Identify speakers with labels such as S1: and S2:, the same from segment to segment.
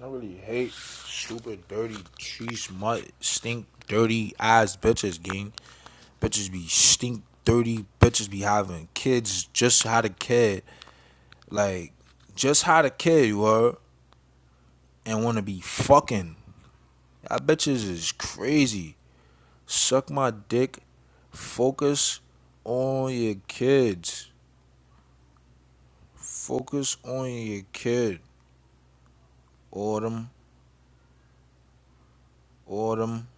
S1: I really hate stupid, dirty, cheese, mutt, stink, dirty ass bitches, gang. Bitches be stink, dirty, bitches be having kids, just had a kid. Like, just had a kid, you were, and wanna be fucking. That bitches is crazy. Suck my dick. Focus on your kids. Focus on your kid. Autumn, autumn,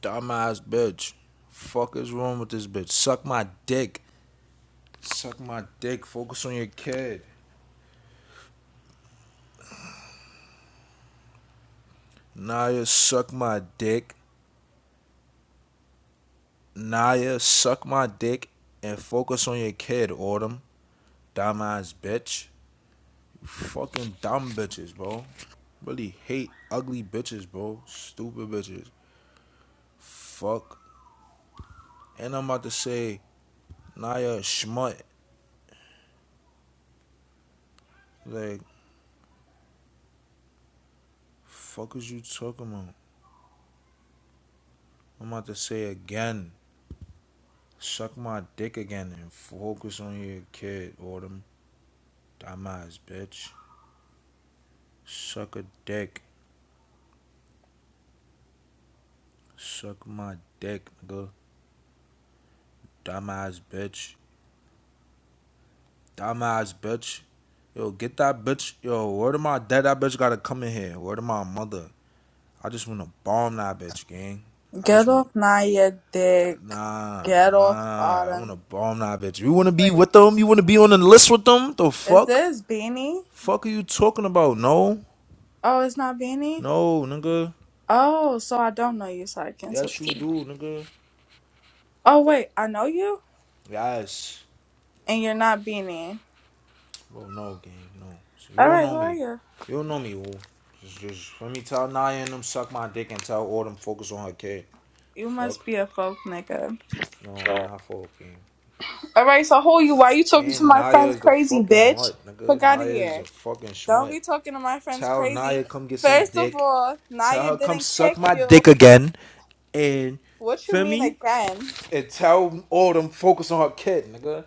S1: dumbass bitch. Fuck is wrong with this bitch? Suck my dick. Suck my dick. Focus on your kid. Naya, suck my dick. Naya, suck my dick and focus on your kid, Autumn. Dumbass bitch. You fucking dumb bitches, bro. Really hate ugly bitches, bro. Stupid bitches. Fuck. And I'm about to say, Naya, schmut. Like, fuck is you talking about? I'm about to say again. Suck my dick again and focus on your kid, Autumn. Dumbass bitch. Suck a dick. Suck my dick, nigga. Dumbass bitch. Dumbass bitch. Yo, get that bitch. Yo, where to my dad? That bitch gotta come in here. Where to my mother? I just wanna bomb that bitch, gang. I just
S2: Get
S1: wanna.
S2: off Naya dick.
S1: Nah,
S2: Get off
S1: nah. I
S2: Autumn.
S1: wanna bomb that bitch. You wanna be
S2: Wait,
S1: with them? You wanna be on the list with them? The
S2: is
S1: fuck?
S2: this Beanie?
S1: Fuck are you talking about? No,
S2: Oh, it's not Beanie?
S1: no, nigga.
S2: Oh, so I don't know you, so I canceled
S1: Yes, you
S2: you.
S1: do, nigga.
S2: Oh, wait, I know you?
S1: Yes.
S2: And you're not Beanie.
S1: Well, no, gang, no. So you don't
S2: Alright,
S1: know
S2: who are
S1: me.
S2: you?
S1: You don't know me, woo. Just, just let me tell Naya and them suck my dick and tell Autumn focus on her kid.
S2: You must
S1: Fuck.
S2: be a folk nigga.
S1: No, I'm not fucking.
S2: Alright, so who are you? Why you talking to
S1: And
S2: my
S1: Naya
S2: friends
S1: is the
S2: crazy,
S1: fucking
S2: bitch?
S1: mutt, nigga.
S2: Fuck out of
S1: Naya is a
S2: here.
S1: fucking
S2: Don't
S1: schmutt.
S2: be talking to my friends
S1: Tell Naya
S2: crazy.
S1: come get some
S2: First of
S1: dick.
S2: all,
S1: Tell
S2: Naya
S1: her come
S2: didn't
S1: suck
S2: kick
S1: my
S2: you.
S1: dick again. And
S2: What you
S1: feel
S2: mean
S1: me?
S2: again?
S1: And tell Autumn focus on her kid, nigga.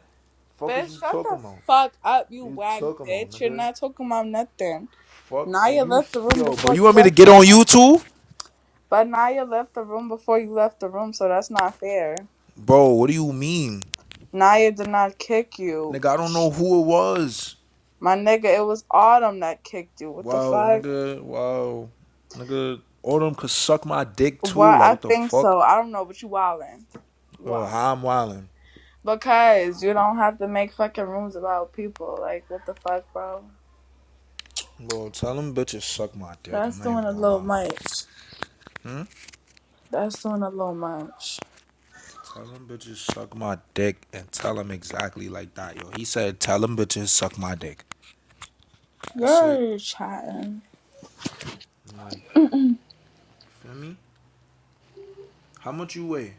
S1: Fuck is
S2: Bitch,
S1: you
S2: shut
S1: talking
S2: the
S1: about?
S2: fuck up, you
S1: What you
S2: wag
S1: talking about,
S2: bitch. You're
S1: nigga?
S2: not talking about nothing.
S1: Fuck and
S2: Naya
S1: you,
S2: left the room
S1: yo, bro.
S2: before
S1: You
S2: you
S1: want me to
S2: left
S1: get
S2: the
S1: on
S2: room.
S1: YouTube?
S2: But Naya left the room before you left the room, so that's not fair.
S1: Bro, what do you mean?
S2: Naya did not kick you.
S1: Nigga, I don't know
S2: Sh-
S1: who it was.
S2: My nigga, it was Autumn that kicked you. What the
S1: Wow,
S2: fuck?
S1: nigga, wow. Nigga, all them could suck my dick too.
S2: Well,
S1: Like,
S2: I
S1: what the
S2: think
S1: fuck?
S2: so. I don't know, but you wildin'. You
S1: Bro,
S2: wildin'.
S1: how I'm wildin'.
S2: Because you don't have to make fucking rooms about people. Like, what the fuck, bro?
S1: Bro, tell them bitches suck my dick. I'm
S2: That's
S1: not even
S2: doing a
S1: gonna
S2: little
S1: lie.
S2: much.
S1: Hmm?
S2: That's doing a little much.
S1: Tell them bitches suck my dick and tell them exactly like that, yo. He said, tell them bitches suck my dick. That's it.
S2: You're chatting.
S1: I'm like, you feel me? How much you weigh?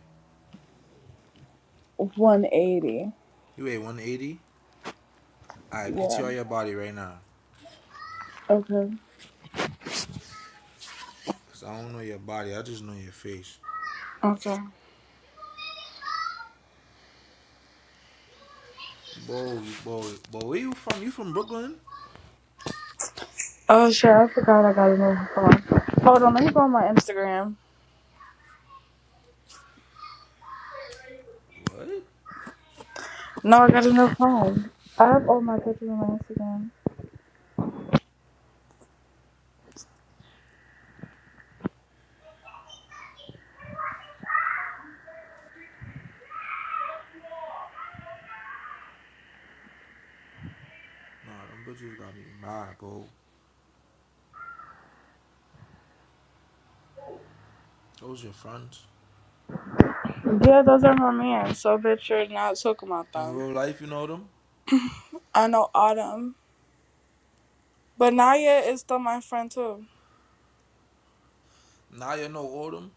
S2: 180.
S1: You weigh 180? Alright,
S2: Yeah.
S1: PTR your body right now.
S2: Okay.
S1: Cause I don't know your body, I just know your face.
S2: Okay.
S1: Bo, you- bo, bo, where you from? You from Brooklyn?
S2: Oh shit, I forgot I got a new phone. Hold on, let me go on my Instagram.
S1: What?
S2: No, I got a new phone. I have all my pictures on my Instagram.
S1: Nah, them bitches got me mad, bro. Those your friends.
S2: Yeah, those are my man. So bitch, you're not talking about
S1: In
S2: them.
S1: real life, you know them.
S2: I know Autumn. But Naya is still my friend too.
S1: Now you know all them.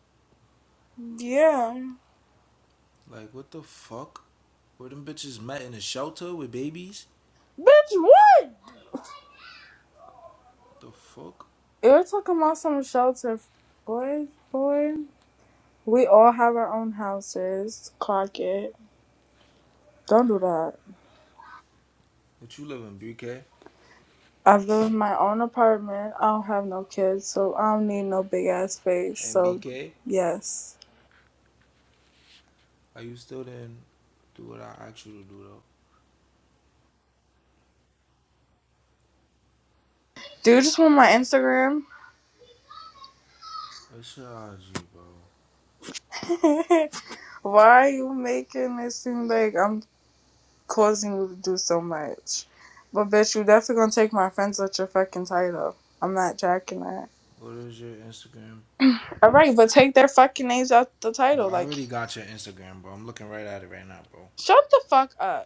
S2: Yeah.
S1: Like, what the fuck? Where them bitches met in a shelter with babies?
S2: Bitch, what?
S1: What The fuck?
S2: You're talking about some shelter. Boy, boy. We all have our own houses. Clock it. Don't do that.
S1: But you live in BK?
S2: I live in my own apartment. I don't have no kids, so I don't need no big ass space.
S1: And
S2: So,
S1: BK?
S2: yes.
S1: Are you still didn't do what I asked you to do though?
S2: Do you just want my Instagram?
S1: What's your IG, bro?
S2: Why are you making it seem like I'm causing you to do so much? But bitch, you definitely gonna take my friends out your fucking title. I'm not jacking that.
S1: What is your Instagram?
S2: All right, but take their fucking names out the
S1: But
S2: title.
S1: I
S2: Like,
S1: already got your Instagram, bro. I'm looking right at it right now, bro.
S2: shut the fuck up.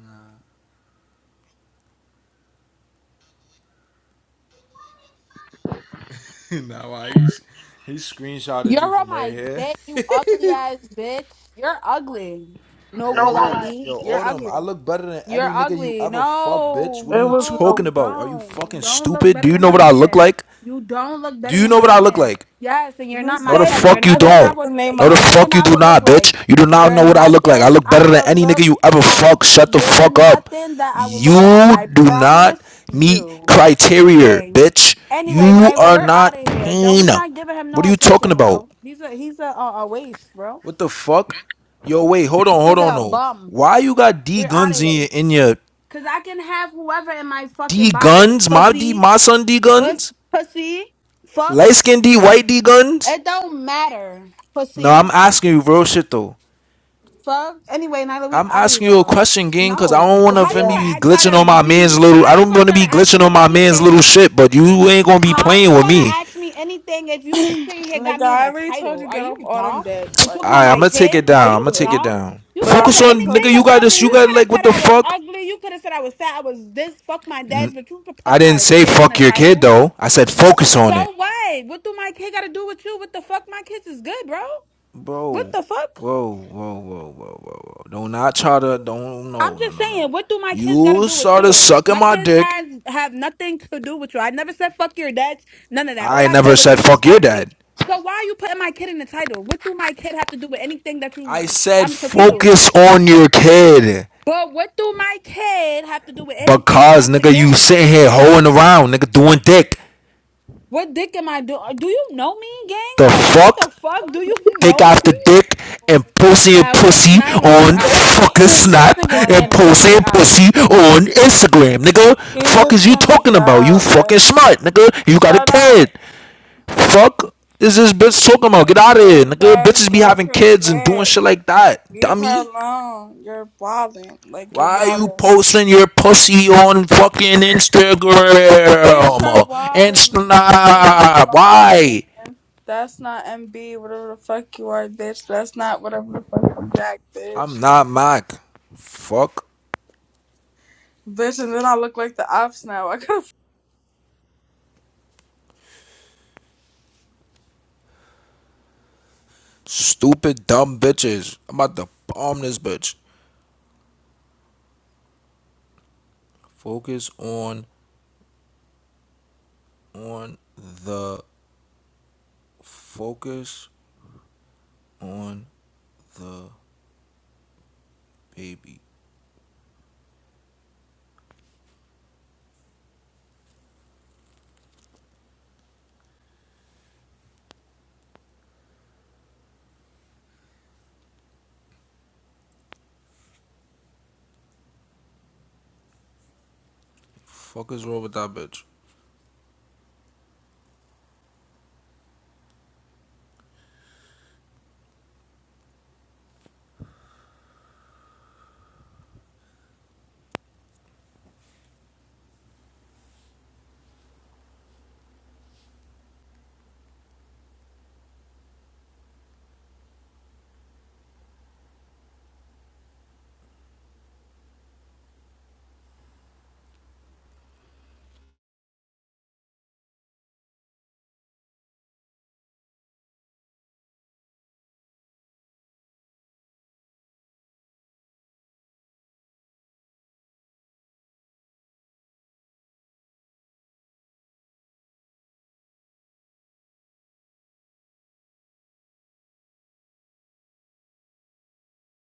S1: Nah, nah, why he's he screenshotted
S3: You're
S1: you
S3: on
S1: from right
S3: my
S1: here.
S3: dick, you ugly ass bitch. You're ugly. No
S1: Wait,
S3: call
S1: who?
S3: ID.
S1: Yo,
S3: You're
S1: Autumn, I
S3: ugly.
S1: look better than
S3: You're
S1: any nigga you
S3: ugly.
S1: ever fuck, bitch.
S3: No,
S1: What are you
S3: no,
S2: Ew.
S1: talking
S3: you
S1: about? Are you
S3: don't. You
S1: fucking
S3: don't look
S1: stupid? Do
S3: better
S1: you
S3: than
S1: know
S3: my
S1: what I look
S3: man.
S1: like?
S3: You don't look
S1: Do
S3: better
S1: you
S3: than
S1: know
S3: my
S1: what I look
S3: man.
S1: like?
S3: Yes, and you're
S2: You
S3: not my
S1: No, the
S2: said
S3: type.
S2: you
S3: You're
S2: was
S1: fuck you
S2: gonna
S3: nothing I
S1: don't.
S2: take the
S3: would
S2: name
S1: No,
S3: you're
S1: the
S2: out.
S3: nothing
S1: fuck you
S3: I
S1: do
S3: would look
S1: not,
S3: like.
S1: bitch. You do not
S3: You're
S1: know what I look like. I
S3: nothing
S1: look
S3: I
S1: better than
S3: will
S1: any nigga
S3: look
S1: you ever
S3: at.
S1: fuck. Shut the
S3: You're
S1: fuck up.
S3: nothing that I will look at.
S1: You
S3: I
S1: do not
S3: promise
S1: meet
S3: you.
S1: criteria,
S3: Gang.
S1: bitch.
S3: Anyway,
S1: You
S3: Nyla,
S1: are
S3: we're out of
S1: not
S3: here. Don't
S1: pain.
S3: we not giving him
S1: What
S3: no
S1: are you talking
S3: attention,
S1: about?
S3: bro? He's a he's a a, a waste, bro.
S1: What the fuck? Yo, wait, hold on, hold
S3: This
S1: on,
S3: nigga a
S1: no.
S3: bum.
S1: Why you got D
S3: We're out
S1: guns
S3: of
S1: in
S3: here.
S1: your in your
S3: Cause I can have whoever in my
S1: D
S3: fucking bio,
S1: guns? My D,
S3: pussy,
S1: my son D
S3: bus,
S1: guns.
S3: pussy, fuck.
S1: Light skin D, white D guns.
S3: It don't matter,
S1: No, I'm
S3: pussy,
S1: asking you real shit though.
S3: fuck. Anyway, Nyla, we
S1: I'm
S3: out of
S1: asking you a
S3: here.
S1: question, gang, cause I
S3: No,
S1: don't wanna
S3: how
S1: for
S3: you
S2: Yeah.
S1: me
S3: gonna
S1: be
S3: act,
S1: glitching
S3: try to
S1: on my
S3: be?
S1: man's little.
S3: How
S1: I
S3: you
S1: don't
S3: gonna
S1: wanna
S3: try to
S1: be
S3: ask
S1: glitching
S3: me
S1: on my man's
S3: anything
S1: little shit, but you ain't gonna be
S3: How
S1: playing
S3: you
S1: with
S3: gonna
S1: me.
S3: ask me anything if you sitting here
S2: Like
S3: got me in
S2: I
S3: a
S2: already told
S3: title?
S2: you,
S3: Are
S2: get
S3: you
S2: off autumn
S3: dumb?
S2: deck.
S3: And
S2: Like,
S3: talking about
S1: Alright, I'm
S3: my
S1: gonna
S2: please,
S1: take
S3: kid?
S1: it
S3: Are
S1: down. I'm
S3: you
S1: gonna take it
S2: listen.
S3: dumb?
S1: down.
S3: You
S2: But
S3: could have
S2: I've
S1: Focus
S3: said
S2: been
S1: on
S2: told
S3: anything
S1: nigga.
S2: you
S1: You
S2: to
S1: got
S2: take
S3: about
S2: it
S3: me.
S1: this. You
S3: You
S1: got
S3: could
S2: in.
S3: have
S1: like what
S3: said
S1: the
S3: I was
S1: fuck?
S3: ugly. You could have said I was fat. I was this. Fuck my dad's. But you could
S1: I
S3: put
S1: didn't
S3: my
S1: say
S3: kid in
S1: fuck
S3: the
S1: your kid
S3: title.
S1: though. I said focus on it.
S3: So what? What do my kid got to do with you? What the fuck? My kids is good, bro. What
S1: bro.
S3: the fuck?
S1: Whoa, whoa, whoa, whoa, whoa, whoa. Don't not try to. Don't
S3: I'm
S1: no, no,
S3: just
S1: no, no.
S3: saying, what do my kids got to
S1: You
S3: do with
S1: started
S3: you?
S1: sucking
S3: My
S1: my
S3: kids
S1: dick.
S3: has have nothing to do with you. I never said fuck your dad, none of that. All
S1: I
S3: I said
S1: never
S3: was
S1: said
S3: you was
S1: fuck your
S3: ugly.
S1: dad.
S3: So why are you putting my kid in the title? What do my kid have to do with anything that
S1: I
S3: you?
S1: said
S3: I'm confused.
S1: focus on your kid.
S3: But what do my kid have to do with anything?
S1: Because
S3: Once
S1: nigga, you sitting
S3: again,
S1: here hoeing around, nigga, doing dick.
S3: what dick am I doing? Do you know me, gang?
S1: The
S3: Like what the
S1: fuck,
S3: fuck? Do you
S1: dick
S3: know
S1: after
S3: me?
S1: dick, and posting your
S3: Nah, we're
S1: pussy
S3: Nyla. We're
S1: on
S3: out of
S2: This
S3: here.
S1: fucking
S2: is
S3: This
S1: Snap
S3: nigga's
S1: and
S2: annoying.
S3: animated.
S1: posting
S3: We're
S1: your
S3: out of here.
S1: pussy on Instagram, nigga.
S2: He's
S1: Fuck is
S2: just
S1: you
S2: gonna
S1: talking about? You
S2: yell,
S1: fucking
S2: like,
S1: smart, nigga. You got a
S2: shut
S1: kid.
S2: up.
S1: Fuck is this bitch talking about? Get
S2: His
S1: out of here,
S2: bang
S1: nigga.
S2: said,
S1: Bitches be
S2: get off
S1: having
S2: her
S1: kids and doing
S2: dick.
S1: shit like that,
S2: Leave her
S1: dummy.
S2: alone. You're wildin'. Like, you're
S1: Why are you
S2: wildin'.
S1: posting your pussy on fucking Instagram?
S2: Bitch, you're wildin'. You're
S1: Insta. Why?
S2: wildin'. That's not MB, whatever the fuck you are, bitch. That's not whatever the fuck I'm bitch.
S1: I'm not Mac. Fuck
S2: Bitch, and then I look like the ops now. I could have
S1: stupid dumb bitches. I'm about to bomb this bitch. Focus on on the focus on the baby. Fuck is wrong with that bitch?